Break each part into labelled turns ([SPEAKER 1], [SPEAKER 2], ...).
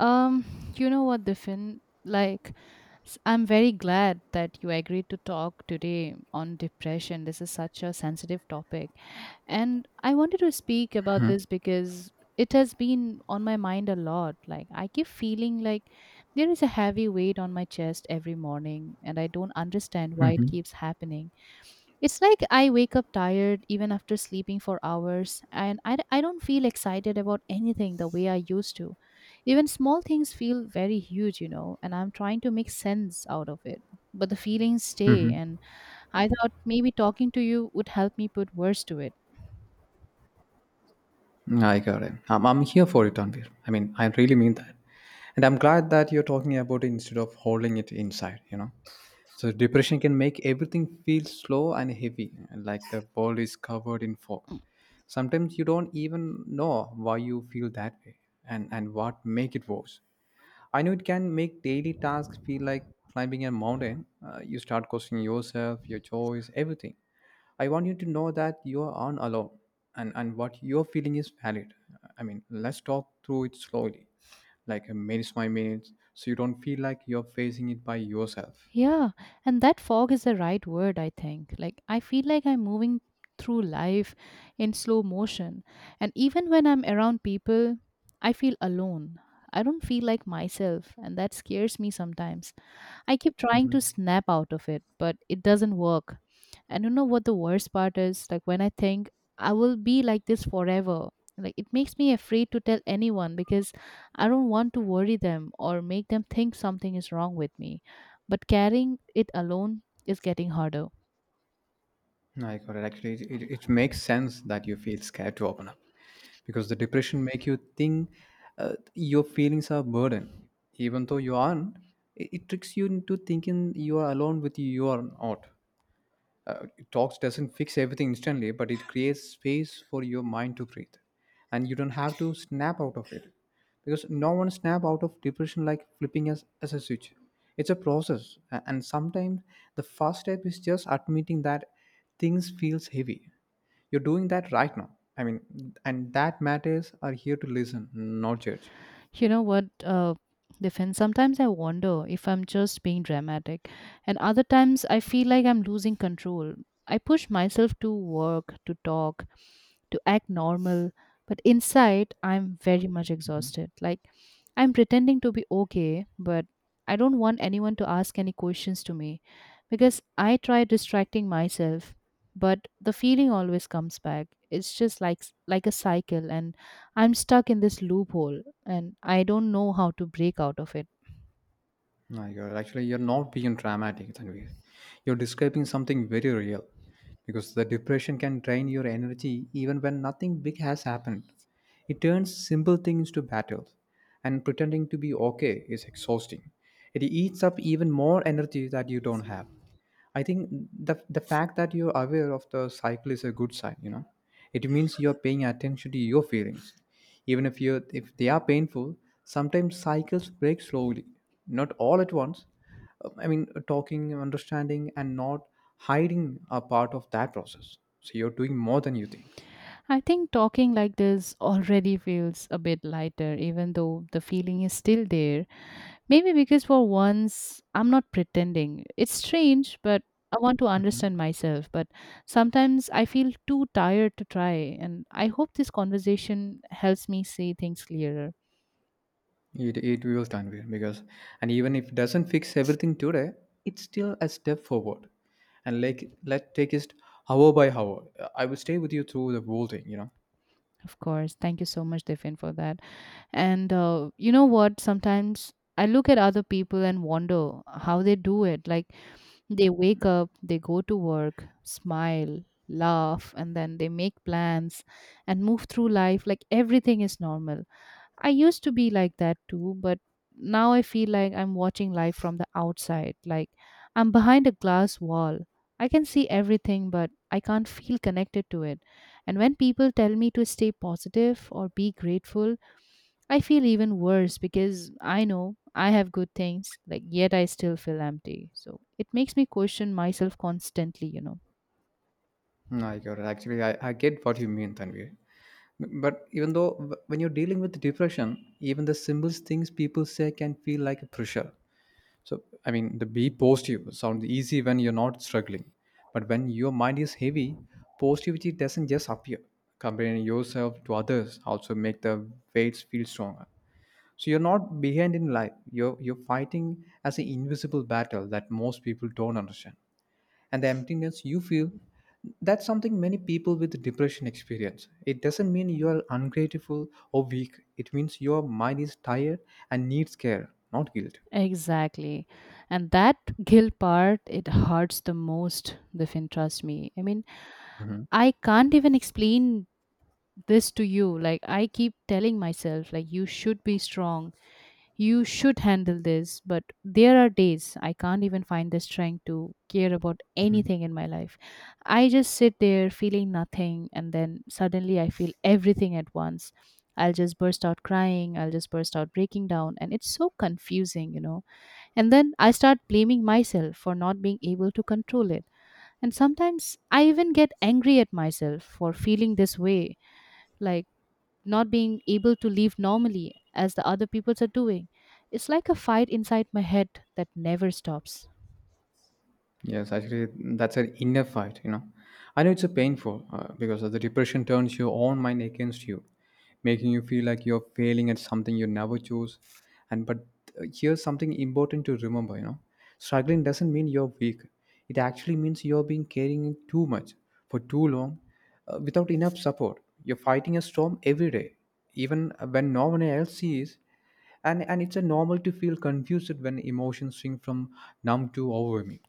[SPEAKER 1] Um, you know what, Diffin? I'm very glad that you agreed to talk today on depression. This is such a sensitive topic. And I wanted to speak about
[SPEAKER 2] Mhm,
[SPEAKER 1] this because it has been on my mind a lot. Like, I keep feeling like there is a heavy weight on my chest every morning, and I don't understand why it
[SPEAKER 2] mhm.
[SPEAKER 1] keeps happening. It's like I wake up tired even after sleeping for hours, and I don't feel excited about anything the way I used to. Even small things feel very huge, and I'm trying to make sense out of it. But the feelings stay, and I thought maybe talking to you would help me put words to it.
[SPEAKER 2] I got it. I'm here for it, Tanvir. I mean, I really mean that. And I'm glad that you're talking about it instead of holding it inside. So depression can make everything feel slow and heavy, like the world is covered in fog. Sometimes you don't even know why you feel that way and what make it worse. I know it can make daily tasks feel like climbing a mountain. You start questioning yourself, your choice, everything. I want you to know that you aren't alone and what you're feeling is valid. I mean, let's talk through it slowly, like minutes by minutes, so you don't feel like you're facing it by yourself.
[SPEAKER 1] Yeah, and that fog is the right word, I think. Like, I feel like I'm moving through life in slow motion. And even when I'm around people, I feel alone. I don't feel like myself, and that scares me sometimes. I keep trying to
[SPEAKER 2] Hmm.
[SPEAKER 1] snap out of it, but it doesn't work. And you know what the worst part is? Like when I think I will be like this forever, like it makes me afraid to tell anyone because I don't want to worry them or make them think something is wrong with me. But carrying it alone is getting harder.
[SPEAKER 2] I got it. Actually, it makes sense that you feel scared to open up because the depression make you think your feelings are a burden, even though you aren't. It tricks you into thinking you are alone with your own art. Talks doesn't fix everything instantly, but it creates space for your mind to breathe. And you don't have to snap out of it because no one snap out of depression like flipping as a switch. It's a process, and sometimes the first step is just admitting that things feels heavy. You're doing that right now. I mean, and that matters are here to listen, not judge.
[SPEAKER 1] You know what? Defense. Sometimes I wonder if I'm just being dramatic, and other times I feel like I'm losing control. I push myself to work, to talk, to act normal, but inside I'm very much exhausted. Like I'm pretending to be okay, but I don't want anyone to ask any questions to me because I try distracting myself, but the feeling always comes back. It's just like a cycle, and I'm stuck in this loophole and I don't know how to break out of it.
[SPEAKER 2] I got it. Actually, you're not being dramatic, Tanvir. You're describing something very real because the depression can drain your energy even when nothing big has happened. It turns simple things to battles, and pretending to be okay is exhausting. It eats up even more energy that you don't have. I think the fact that you're aware of the cycle is a good sign. You know, it means you're paying attention to your feelings, even if they are painful. Sometimes cycles break slowly, not all at once. I mean, talking, understanding, and not hiding are part of that process. So you're doing more than you think.
[SPEAKER 1] I think talking like this already feels a bit lighter, even though the feeling is still there. Maybe because for once I'm not pretending. It's strange, but I want to understand myself. But sometimes I feel too tired to try, and I hope this conversation helps me see things clearer.
[SPEAKER 2] It will, Tanvir, because and even if it doesn't fix everything today, it's still a step forward. And, like, let's take it hour by hour. I will stay with you through the whole thing.
[SPEAKER 1] Of course. Thank you so much, Devin, for that. And you know what? Sometimes I look at other people and wonder how they do it. Like, they wake up, they go to work, smile, laugh, and then they make plans and move through life like everything is normal. I used to be like that too, but now I feel like I'm watching life from the outside, like I'm behind a glass wall. I can see everything, but I can't feel connected to it. And when people tell me to stay positive or be grateful, I feel even worse because I know I have good things, like, yet I still feel empty. So it makes me question myself constantly, you know.
[SPEAKER 2] I get what you mean, Tanvir. But even though when you're dealing with depression, even the simplest things people say can feel like a pressure. So, I mean, the be positive sounds easy when you're not struggling. But when your mind is heavy, positivity doesn't just appear. Comparing yourself to others also make the weights feel stronger. So you're not behind in life. You're fighting as an invisible battle that most people don't understand. And the emptiness you feel, that's something many people with depression experience. It doesn't mean you're ungrateful or weak. It means your mind is tired and needs care, not guilt.
[SPEAKER 1] Exactly. And that guilt part, it hurts the most, Vifin, trust me. I mean,
[SPEAKER 2] Mhm.
[SPEAKER 1] I can't even explain this to you. Like, I keep telling myself, like, you should be strong, you should handle this, but there are days I can't even find the strength to care about
[SPEAKER 2] Mhm.
[SPEAKER 1] anything in my life. I just sit there feeling nothing, and then suddenly I feel everything at once. I'll just burst out crying, I'll just burst out breaking down, and it's so confusing, you know. And then I start blaming myself for not being able to control it, and sometimes I even get angry at myself for feeling this way, like not being able to live normally as the other peoples are doing. It's like a fight inside my head that never stops.
[SPEAKER 2] Yes, actually, that's an inner fight. I know it's a painful because of the depression turns your own mind against you, making you feel like you're failing at something you never chose. And but here's something important to remember, struggling doesn't mean you're weak. It actually means you're being carrying it too much for too long, without enough support. You're fighting a storm every day, even when no one else sees. And it's a normal to feel confused when emotions swing from numb to overwhelming.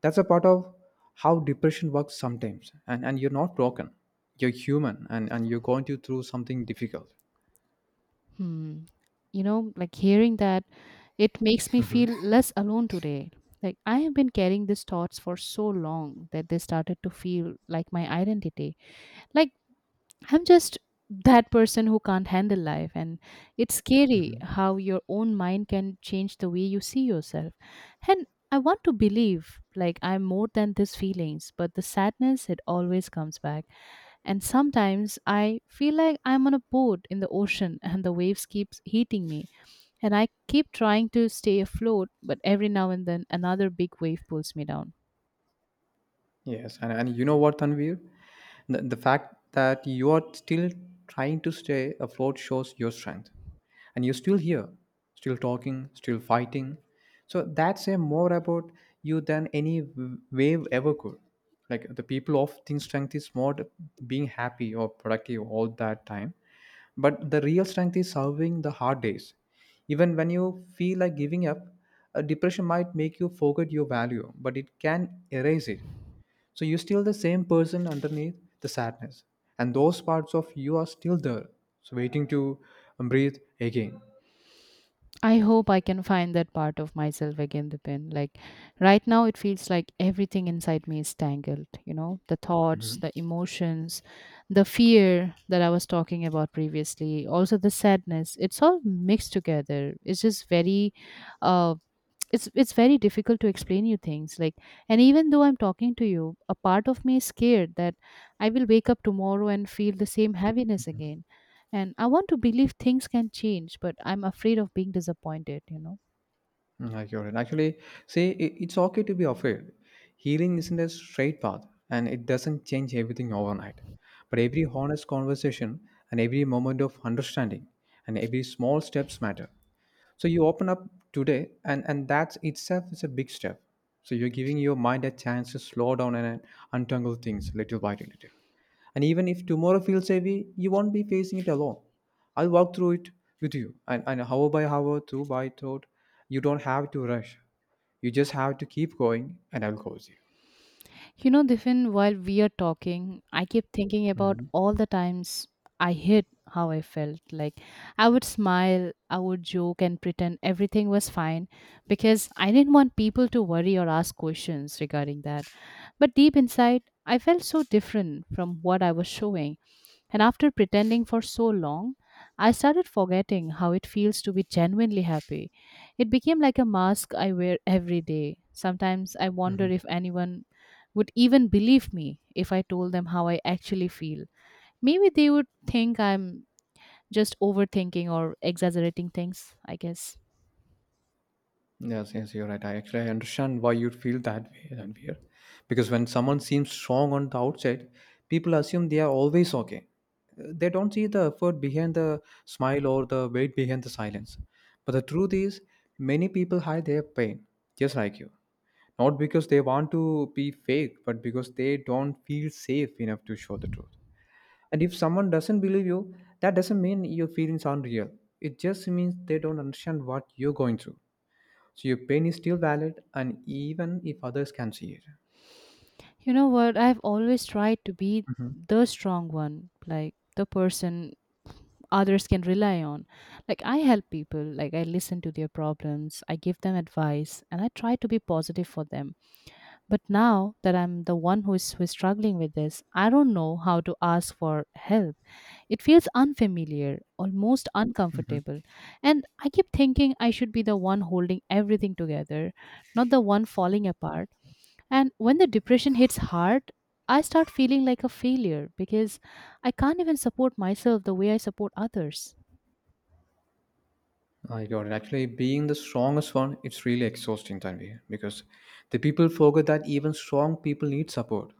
[SPEAKER 2] That's a part of how depression works sometimes. And you're not broken, you're human, and you're going to through something difficult.
[SPEAKER 1] Hmm. You know, like hearing that, it makes me feel less alone today. Like I have been carrying these thoughts for so long that they started to feel like my identity. Like I'm just that person who can't handle life. And it's scary how your own mind can change the way you see yourself. And I want to believe like I'm more than these feelings, but the sadness, it always comes back. And sometimes I feel like I'm on a boat in the ocean and the waves keeps hitting me. And I keep trying to stay afloat, but every now and then another big wave pulls me down.
[SPEAKER 2] Yes, and you know what, Tanvir? The fact that you are still trying to stay afloat shows your strength. And you're still here, still talking, still fighting. So that's say more about you than any wave ever could. Like the people often strength is not being happy or productive all that time. But the real strength is surviving the hard days. Even when you feel like giving up, a depression might make you forget your value, but it can erase it. So you're still the same person underneath the sadness, and those parts of you are still there, so waiting to breathe again.
[SPEAKER 1] I hope I can find that part of myself again, The Dipin. Like right now, it feels like everything inside me is tangled. You know, the thoughts, the emotions, the fear that I was talking about previously, also the sadness. It's all mixed together. It's just uh, it's very difficult to explain you things, like, and even though I'm talking to you, a part of me is scared that I will wake up tomorrow and feel the same heaviness again. And I want to believe things can change, but I'm afraid of being disappointed, you know.
[SPEAKER 2] Mm, Like you're in. Actually, say I- it's okay to be afraid. Healing isn't a straight path, and it doesn't change everything overnight. But every honest conversation and every moment of understanding and every small steps matter. So you open up today, and that itself is a big step. So you're giving your mind a chance to slow down and untangle things little by little. And even if tomorrow feels heavy, you won't be facing it alone. I'll walk through it with you. And hour by hour, through by thought, you don't have to rush. You just have to keep going, and I'll close
[SPEAKER 1] You know, Diffin, while we are talking, I keep thinking about all the times I hid how I felt. Like, I would smile, I would joke, and pretend everything was fine because I didn't want people to worry or ask questions regarding that. But deep inside, I felt so different from what I was showing. And after pretending for so long, I started forgetting how it feels to be genuinely happy. It became like a mask I wear every day. Sometimes I wonder
[SPEAKER 2] you.
[SPEAKER 1] if anyone would even believe me if I told them how I actually feel. Maybe they would think I'm just overthinking or exaggerating things, I guess.
[SPEAKER 2] Yes, yes, you're right. I actually I understand why you'd feel that way. And because when someone seems strong on the outside, people assume they are always okay. They don't see the effort behind the smile or the weight behind the silence. But the truth is, many people hide their pain, just like you. Not because they want to be fake, but because they don't feel safe enough to show the truth. And if someone doesn't believe you, that doesn't mean your feelings aren't real. It just means they don't understand what you're going through. So your pain is still valid, and even if others can see it.
[SPEAKER 1] You know what? I've always tried to be
[SPEAKER 2] Mhm.
[SPEAKER 1] the strong one, like the person others can rely on. Like I help people, like I listen to their problems, I give them advice, and I try to be positive for them. But now that I'm the one who is struggling with this, I don't know how to ask for help. It feels unfamiliar, almost uncomfortable. And I keep thinking I should be the one holding everything together, not the one falling apart. And when the depression hits hard, I start feeling like a failure because I can't even support myself the way I support others.
[SPEAKER 2] I got it. Actually, being the strongest one, it's really exhausting, Tanvi, because the people forget that even strong people need support.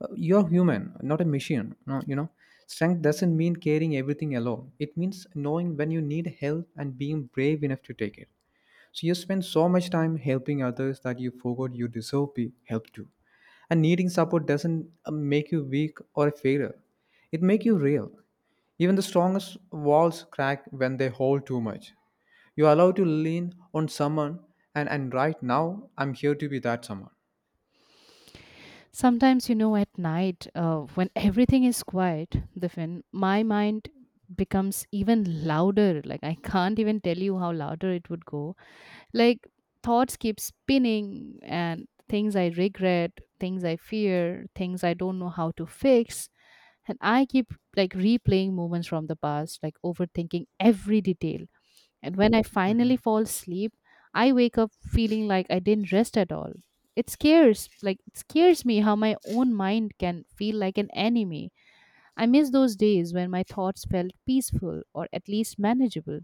[SPEAKER 2] You're human, not a machine. No, strength doesn't mean carrying everything alone. It means knowing when you need help and being brave enough to take it. So you spend so much time helping others that you forgot you deserve be helped too. And needing support doesn't make you weak or a failure. It make you real. Even the strongest walls crack when they hold too much. You are allowed to lean on someone, and right now, I'm here to be that someone.
[SPEAKER 1] Sometimes, you know, at night, when everything is quiet, Diffin, my mind becomes even louder. Like, I can't even tell you how louder it would go. Like, thoughts keep spinning, and things I regret, things I fear, things I don't know how to fix. And I keep like replaying moments from the past, like overthinking every detail. And when I finally fall asleep, I wake up feeling like I didn't rest at all. It scares, like, it scares me how my own mind can feel like an enemy. I miss those days when my thoughts felt peaceful or at least manageable.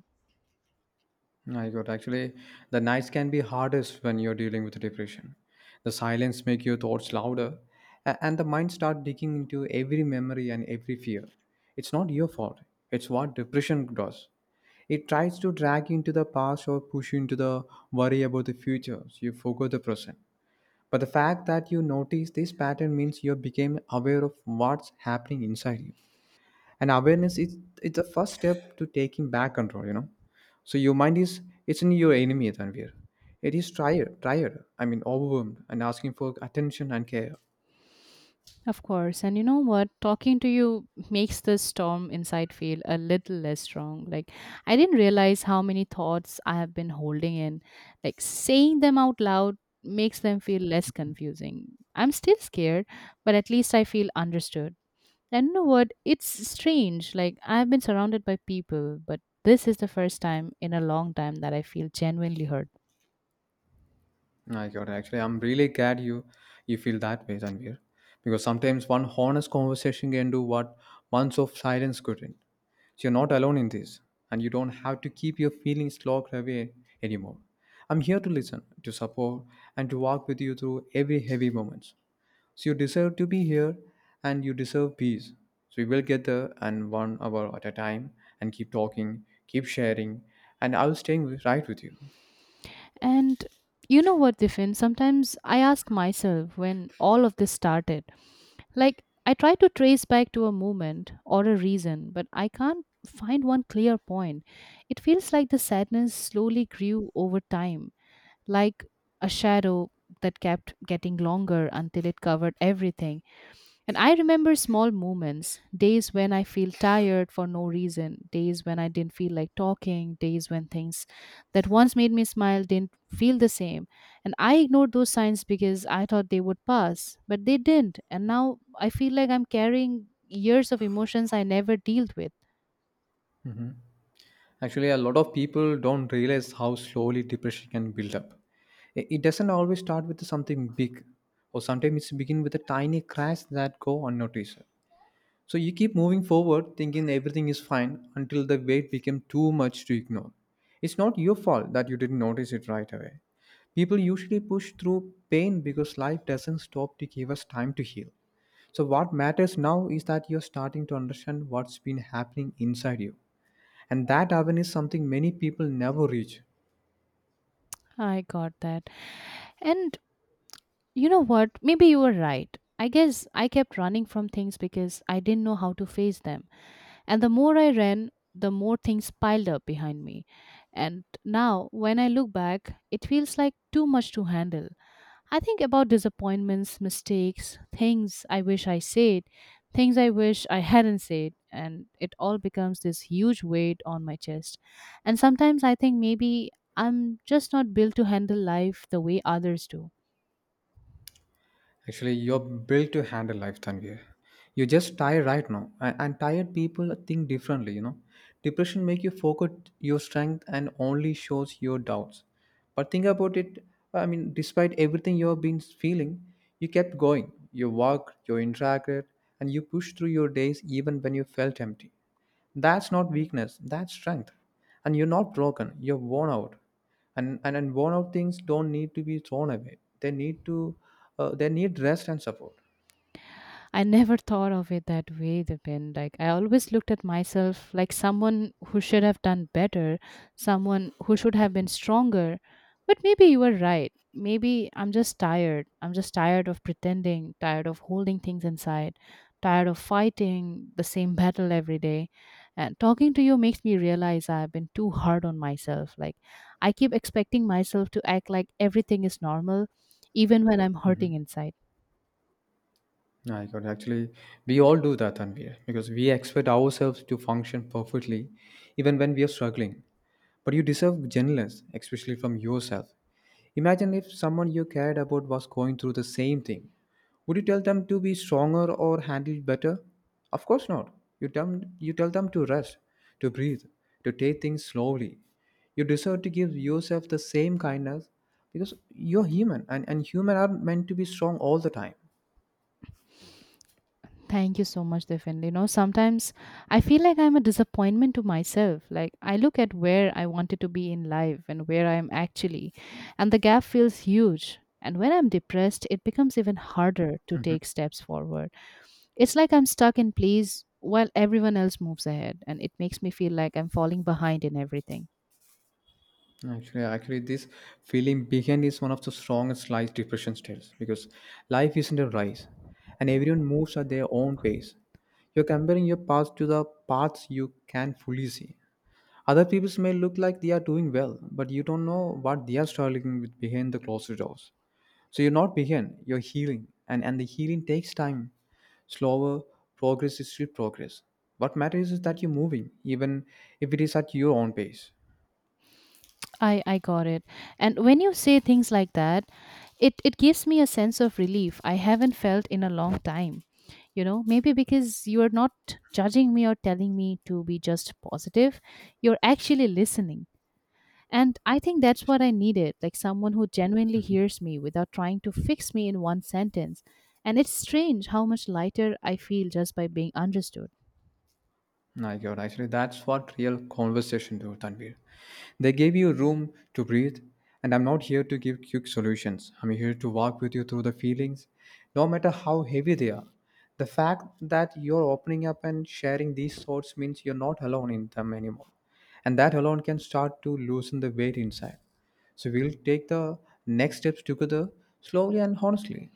[SPEAKER 2] I got, actually, the nights can be hardest when you're dealing with depression. The silence make your thoughts louder, and the mind start digging into every memory and every fear. It's not your fault. It's what depression does. It tries to drag you into the past or push you into the worry about the future. So you forget the present. But the fact that you notice this pattern means you became aware of what's happening inside you. And awareness is it's the first step to taking back control. So your mind is it's not your enemy, Tanvir. It is tired, tired, I mean overwhelmed and asking for attention and care.
[SPEAKER 1] Of course. And you know what? Talking to you makes the storm inside feel a little less strong. Like, I didn't realize how many thoughts I have been holding in. Like, saying them out loud makes them feel less confusing. I'm still scared, but at least I feel understood. And you know what? It's strange. Like, I've been surrounded by people, but this is the first time in a long time that I feel genuinely hurt.
[SPEAKER 2] No, I got it. Actually, I'm really glad you feel that way, Tanvir, because sometimes one honest conversation can do what months of silence couldn't. So you're not alone in this, and you don't have to keep your feelings locked away anymore. I'm here to listen, to support, and to walk with you through every heavy moment. So you deserve to be here, and you deserve peace. So we will get there, and one hour at a time, and keep talking, keep sharing, and I'll stay right with you.
[SPEAKER 1] And you know what, Diffin? Sometimes I ask myself when all of this started. Like, I try to trace back to a moment or a reason, but I can't find one clear point. It feels like the sadness slowly grew over time, like a shadow that kept getting longer until it covered everything. And I remember small moments, days when I feel tired for no reason, days when I didn't feel like talking, days when things that once made me smile didn't feel the same. And I ignored those signs because I thought they would pass, but they didn't. And now I feel like I'm carrying years of emotions I never dealt with.
[SPEAKER 2] Actually, a lot of people don't realize how slowly depression can build up. It doesn't always start with something big, or sometimes it begins with a tiny crash that go unnoticed. So you keep moving forward, thinking everything is fine, until the weight became too much to ignore. It's not your fault that you didn't notice it right away. People usually push through pain because life doesn't stop to give us time to heal. So what matters now is that you're starting to understand what's been happening inside you, and that awareness is something many people never reach.
[SPEAKER 1] I got that. And you know what? Maybe you were right. I guess I kept running from things because I didn't know how to face them. And the more I ran, the more things piled up behind me. And now, when I look back, it feels like too much to handle. I think about disappointments, mistakes, things I wish I said, things I wish I hadn't said, and it all becomes this huge weight on my chest. And sometimes I think maybe I'm just not built to handle life the way others do.
[SPEAKER 2] Actually, you're built to handle life, Tanvir. You're just tired right now, and tired people think differently. You know, depression make you forget your strength and only shows your doubts. But think about it. I mean, despite everything you've been feeling, you kept going. You worked, you interacted, and you pushed through your days even when you felt empty. That's not weakness, that's strength. And you're not broken, you're worn out. And worn out things don't need to be thrown away. They need rest and support.
[SPEAKER 1] I never thought of it that way, Dipen. Like I always looked at myself like someone who should have done better, someone who should have been stronger. But maybe you were right. Maybe I'm just tired. I'm just tired of pretending, tired of holding things inside, tired of fighting the same battle every day. And talking to you makes me realize I've been too hard on myself. Like I keep expecting myself to act like everything is normal even when I'm hurting inside.
[SPEAKER 2] I got, actually, we all do that, Tanvir, because we expect ourselves to function perfectly even when we are struggling. But you deserve gentleness, especially from yourself. Imagine if someone you cared about was going through the same thing. Would you tell them to be stronger or handle it better? Of course not. You tell them to rest, to breathe, to take things slowly. You deserve to give yourself the same kindness because you're human and humans are meant to be strong all the time.
[SPEAKER 1] Thank you so much, Devin. You know, sometimes I feel like I'm a disappointment to myself. Like, I look at where I wanted to be in life and where I am actually, and the gap feels huge. And when I'm depressed, it becomes even harder to take steps forward. It's like I'm stuck in place while everyone else moves ahead, and it makes me feel like I'm falling behind in everything.
[SPEAKER 2] Actually, this feeling behind is one of the strongest life depression styles because life isn't a race, and everyone moves at their own pace. You're comparing your path to the paths you can fully see. Other people may look like they are doing well, but you don't know what they are struggling with behind the closed doors. So you're not behind, you're healing, and the healing takes time. Slower progress is still progress. What matters is that you're moving, even if it is at your own pace.
[SPEAKER 1] I got it. And when you say things like that, it gives me a sense of relief I haven't felt in a long time. You know, maybe because you're not judging me or telling me to be just positive, you're actually listening. And I think that's what I needed, like someone who genuinely hears me without trying to fix me in one sentence. And it's strange how much lighter I feel just by being understood.
[SPEAKER 2] My God, actually, that's what real conversation do, Tanvir. They gave you room to breathe, and I'm not here to give quick solutions. I'm here to walk with you through the feelings, no matter how heavy they are. The fact that you're opening up and sharing these thoughts means you're not alone in them anymore, and that alone can start to loosen the weight inside. So we'll take the next steps together, slowly and honestly.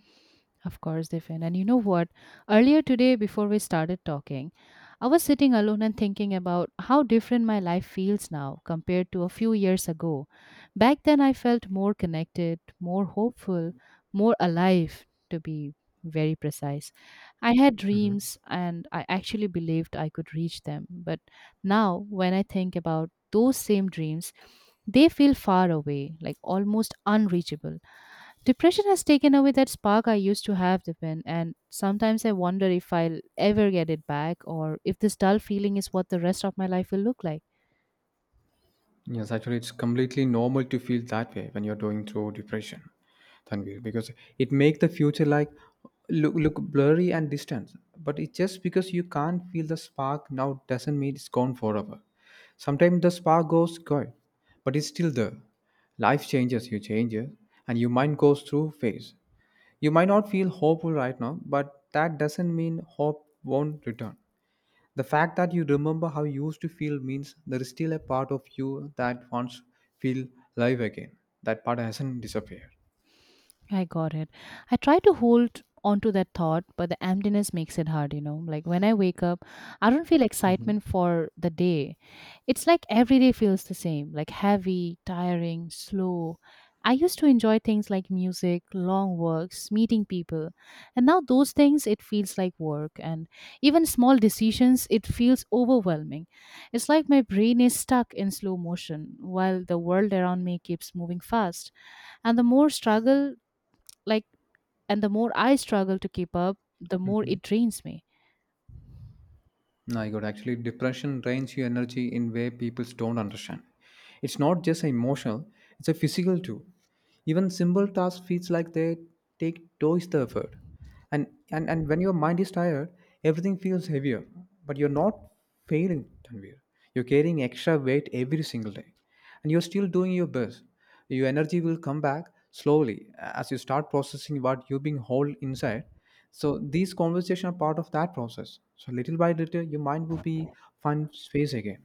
[SPEAKER 1] Of course, Diffin. And you know what? Earlier today, before we started talking, I was sitting alone and thinking about how different my life feels now compared to a few years ago. Back then, I felt more connected, more hopeful, more alive, to be very precise. I had dreams and I actually believed I could reach them. But now, when I think about those same dreams, they feel far away, like almost unreachable. Depression has taken away that spark I used to have, Dipen, and sometimes I wonder if I'll ever get it back or if this dull feeling is what the rest of my life will look like.
[SPEAKER 2] Yes, actually, it's completely normal to feel that way when you're going through depression, Tanvir, because it makes the future like look blurry and distant. But it's just because you can't feel the spark now doesn't mean it's gone forever. Sometimes the spark goes gone, but it's still there. Life changes, you changes, and your mind goes through phase. You might not feel hopeful right now, but that doesn't mean hope won't return. The fact that you remember how you used to feel means there is still a part of you that wants feel live again. That part hasn't disappeared.
[SPEAKER 1] I got it. I try to hold on to that thought, but the emptiness makes it hard, you know. Like when I wake up, I don't feel
[SPEAKER 2] Mhm.
[SPEAKER 1] excitement for the day. It's like every day feels the same, like heavy, tiring, slow. I used to enjoy things like music, long walks, meeting people. And now those things, it feels like work, and even small decisions, it feels overwhelming. It's like my brain is stuck in slow motion while the world around me keeps moving fast, and the more struggle like and the more I struggle to keep up, the more it drains me.
[SPEAKER 2] My God, actually, depression drains your energy in way people don't understand. It's not just emotional; it's a physical too. Even simple tasks feels like they take twice the effort. And, and when your mind is tired, everything feels heavier. But you're not failing, Tanvir. You're carrying extra weight every single day, and you're still doing your best. Your energy will come back slowly as you start processing what you've been hold inside. So these conversations are part of that process. So little by little your mind will be find space again.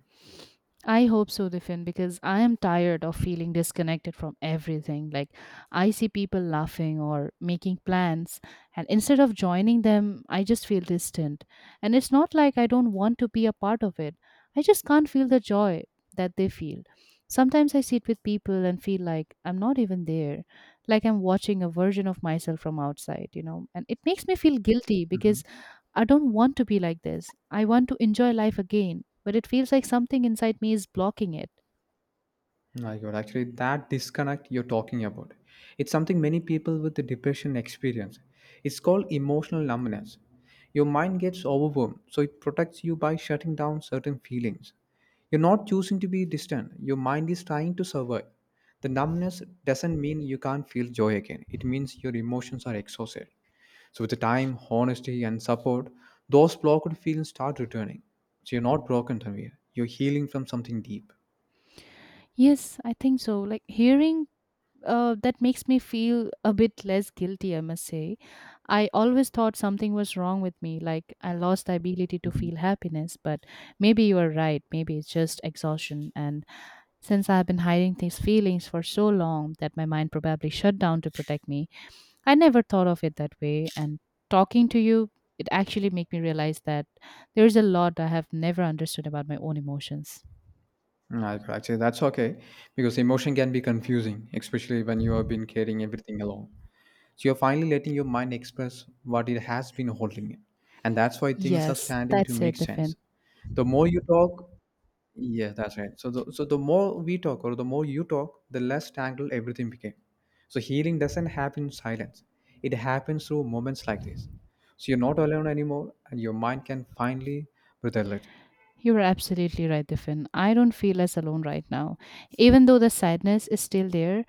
[SPEAKER 1] I hope so, Diffin, because I am tired of feeling disconnected from everything. Like I see people laughing or making plans, and instead of joining them I just feel distant. And it's not like I don't want to be a part of it, I just can't feel the joy that they feel. Sometimes I sit with people and feel like I'm not even there, like I'm watching a version of myself from outside, you know, and it makes me feel guilty because I don't want to be like this. I want to enjoy life again, but it feels like something inside me is blocking it.
[SPEAKER 2] My God, actually, that disconnect you're talking about, it's something many people with the depression experience. It's called emotional numbness. Your mind gets overwhelmed, so it protects you by shutting down certain feelings. You're not choosing to be distant. Your mind is trying to survive. The numbness doesn't mean you can't feel joy again. It means your emotions are exhausted. So with the time, honesty, and support, those blocked feelings start returning. So you're not broken, Tanvir. You're healing from something deep.
[SPEAKER 1] Yes, I think so. Like hearing that makes me feel a bit less guilty, I must say. I always thought something was wrong with me, like I lost the ability to feel happiness, but maybe you are right. Maybe it's just exhaustion. And since I've been hiding these feelings for so long that my mind probably shut down to protect me, I never thought of it that way, and talking to you, it actually made me realize that there is a lot I have never understood about my own emotions.
[SPEAKER 2] Right, actually, that's okay because emotion can be confusing, especially when you have been carrying everything along. So you're finally letting your mind express what it has been holding in, and that's why things are
[SPEAKER 1] Yes,
[SPEAKER 2] starting to
[SPEAKER 1] that's
[SPEAKER 2] make
[SPEAKER 1] it, Diffin.
[SPEAKER 2] sense. The more you talk, yeah, that's right. So the more we talk, or the more you talk, the less tangled everything became. So healing doesn't happen in silence; it happens through moments like this. So you're not alone anymore, and your mind can finally breathe a little.
[SPEAKER 1] You are absolutely right, Diffin. I don't feel as alone right now. Even though the sadness is still there,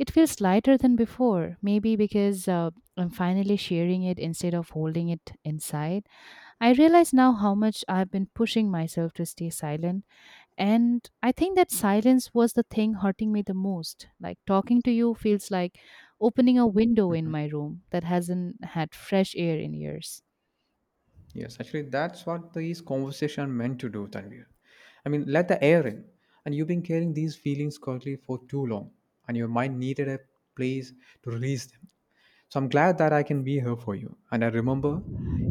[SPEAKER 1] it feels lighter than before. Maybe because I'm finally sharing it instead of holding it inside. I realize now how much I've been pushing myself to stay silent, and I think that silence was the thing hurting me the most. Like talking to you feels like opening a window in my room that hasn't had fresh air in years.
[SPEAKER 2] Yes, actually, that's what these conversation are meant to do, Tanvir. I mean, let the air in. And you've been carrying these feelings quietly for too long, and your mind needed a place to release them. So I'm glad that I can be here for you. And I remember,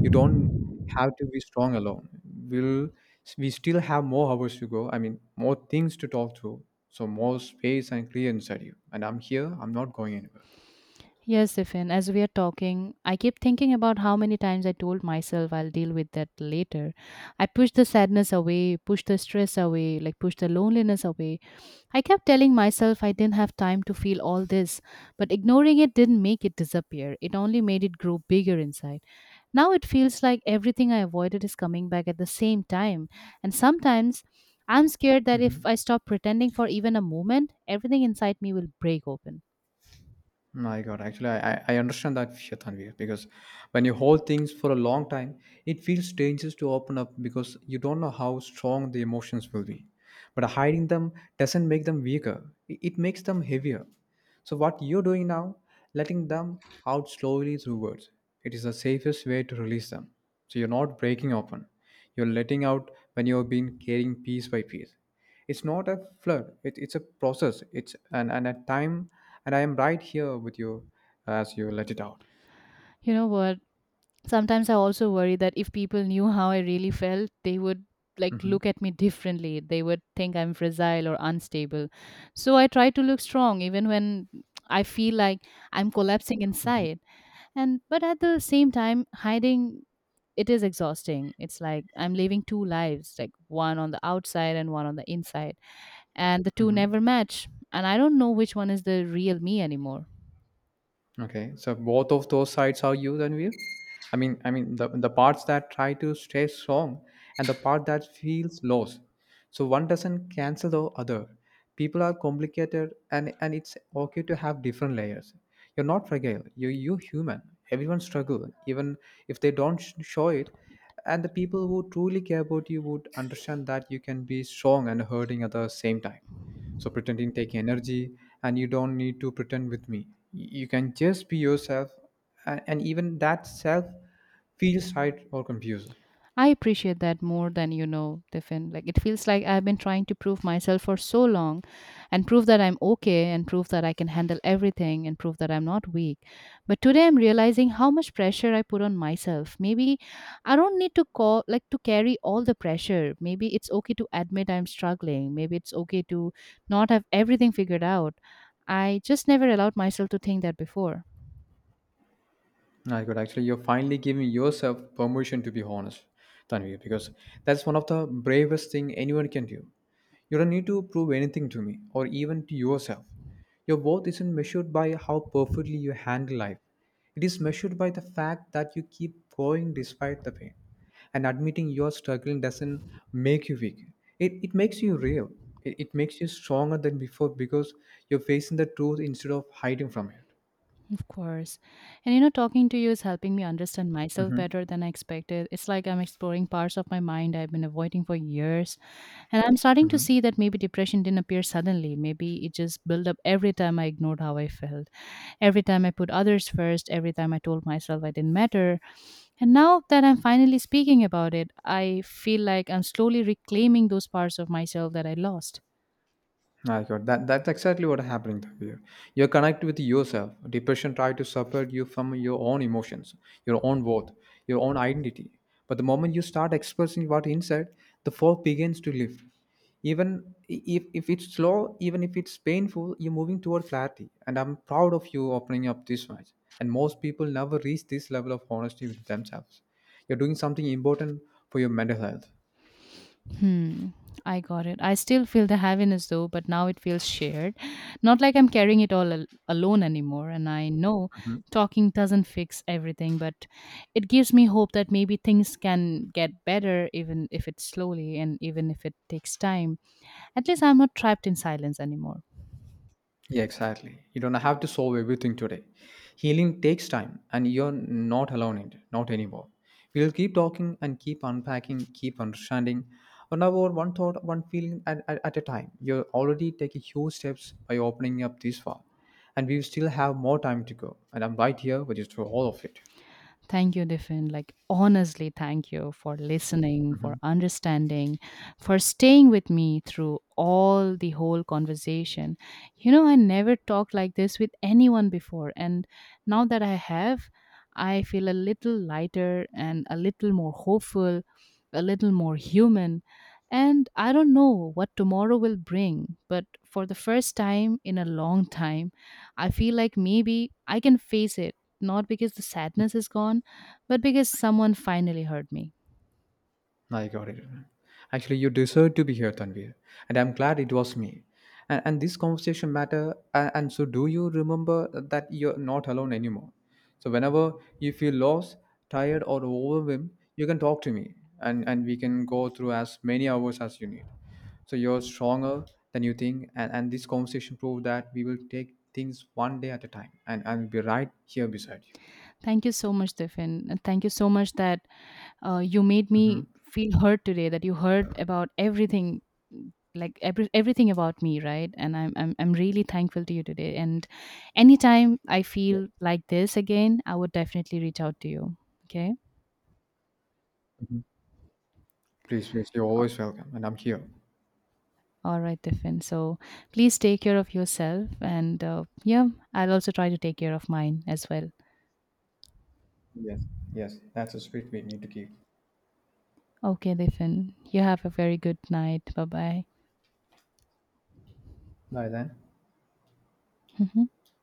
[SPEAKER 2] you don't have to be strong alone. We'll we still have more hours to go. I mean, more things to talk through. So more space and clear inside you. And I'm here. I'm not going anywhere.
[SPEAKER 1] Yes, Ifin, as we are talking, I keep thinking about how many times I told myself I'll deal with that later. I pushed the sadness away, pushed the stress away, like pushed the loneliness away. I kept telling myself I didn't have time to feel all this, but ignoring it didn't make it disappear. It only made it grow bigger inside. Now it feels like everything I avoided is coming back at the same time. And sometimes I'm scared that if I stop pretending for even a moment, everything inside me will break open.
[SPEAKER 2] My God, actually, I understand that fear, Tanvir, because when you hold things for a long time, it feels dangerous to open up because you don't know how strong the emotions will be. But hiding them doesn't make them weaker, it makes them heavier. So, what you're doing now, letting them out slowly through words, it is the safest way to release them. So, you're not breaking open, you're letting out when you've been carrying piece by piece. It's not a flood, it's a process. It's and, and a time, and I am right here with you as you let it out.
[SPEAKER 1] You know what? Sometimes I also worry that if people knew how I really felt, they would, like,
[SPEAKER 2] Hmm.
[SPEAKER 1] look at me differently. They would think I'm fragile or unstable. So I try to look strong even when I feel like I'm collapsing
[SPEAKER 2] Hmm.
[SPEAKER 1] inside. And but at the same time, hiding it is exhausting. It's like I'm living two lives, like one on the outside and one on the inside, and the two
[SPEAKER 2] Hmm.
[SPEAKER 1] never match. And I don't know which one is the real me anymore.
[SPEAKER 2] Okay, so both of those sides are used and weird. I mean the parts that try to stay strong and the part that feels lost. So one doesn't cancel the other. People are complicated, and it's okay to have different layers. You're not fragile. You human. Everyone struggles, even if they don't show it. And the people who truly care about you would understand that you can be strong and hurting at the same time. So pretending take energy, and you don't need to pretend with me. You can just be yourself, and even that self feels right or confused.
[SPEAKER 1] I appreciate that more than you know, Tiffin. Like it feels like I've been trying to prove myself for so long, and prove that I'm okay, and prove that I can handle everything, and prove that I'm not weak. But today I'm realizing how much pressure I put on myself. Maybe I don't need to call, like, to carry all the pressure. Maybe it's okay to admit I'm struggling. Maybe it's okay to not have everything figured out. I just never allowed myself to think that before.
[SPEAKER 2] I could actually, you're finally giving yourself permission to be honest, Tanvi, because that's one of the bravest thing anyone can do. You don't need to prove anything to me or even to yourself. Your worth isn't measured by how perfectly you handle life. It is measured by the fact that you keep going despite the pain. And admitting you're struggling doesn't make you weak. It makes you real. It makes you stronger than before because you're facing the truth instead of hiding from it.
[SPEAKER 1] Of course. And you know, talking to you is helping me understand myself better than I expected. It's like I'm exploring parts of my mind I've been avoiding for years. And I'm starting to
[SPEAKER 2] Hmm.
[SPEAKER 1] see that maybe depression didn't appear suddenly. Maybe it just built up every time I ignored how I felt, every time I put others first, every time I told myself I didn't matter. And now that I'm finally speaking about it, I feel like I'm slowly reclaiming those parts of myself that I lost.
[SPEAKER 2] I got that. That's exactly what happening here. You're connected with yourself. Depression try to separate you from your own emotions, your own worth, your own identity. But the moment you start expressing what inside, the fog begins to lift. Even if it's slow, even if it's painful, you're moving toward clarity. And I'm proud of you opening up this much. And most people never reach this level of honesty with themselves. You're doing something important for your mental health.
[SPEAKER 1] Hmm. I got it. I still feel the heaviness though, but now it feels shared. Not like I'm carrying it all alone anymore. And I know talking doesn't fix everything, but it gives me hope that maybe things can get better, even if it's slowly and even if it takes time. At least I'm not trapped in silence anymore.
[SPEAKER 2] Yeah, exactly. You don't have to solve everything today. Healing takes time, and you're not alone in it, not anymore. We'll keep talking and keep unpacking, keep understanding. On our one thought, one feeling at a time. You're already taking huge steps by opening up this far. And we still have more time to go. And I'm right here with you through all of it.
[SPEAKER 1] Thank you, Diffin. Like, honestly, thank you for listening, for understanding, for staying with me through all the whole conversation. You know, I never talked like this with anyone before. And now that I have, I feel a little lighter and a little more hopeful, a little more human. And I don't know what tomorrow will bring, but for the first time in a long time, I feel like maybe I can face it, not because the sadness is gone, but because someone finally heard me.
[SPEAKER 2] I got it. Actually, you deserve to be here, Tanvir, and I'm glad it was me. And this conversation matter. And so, do you remember that you're not alone anymore? So, whenever you feel lost, tired, or overwhelmed, you can talk to me, and we can go through as many hours as you need. So you're stronger than you think, and this conversation proved that we will take things one day at a time, and be right here beside you.
[SPEAKER 1] Thank you so much, Tiffin. And thank you so much that you made
[SPEAKER 2] Hmm.
[SPEAKER 1] me feel heard today, that you heard about everything, like everything about me, right? And I'm really thankful to you today, and anytime I
[SPEAKER 2] Yeah.
[SPEAKER 1] feel like this again I would definitely reach out to you. Okay.
[SPEAKER 2] Mhm. Please, please, you're always welcome, and I'm here.
[SPEAKER 1] All right, Tiffin, so please take care of yourself and yeah, I'll also try to take care of mine as well.
[SPEAKER 2] Yes, yes, that's a spirit we need to keep.
[SPEAKER 1] Okay, Diffin. You have a very good night. Bye bye.
[SPEAKER 2] Bye then,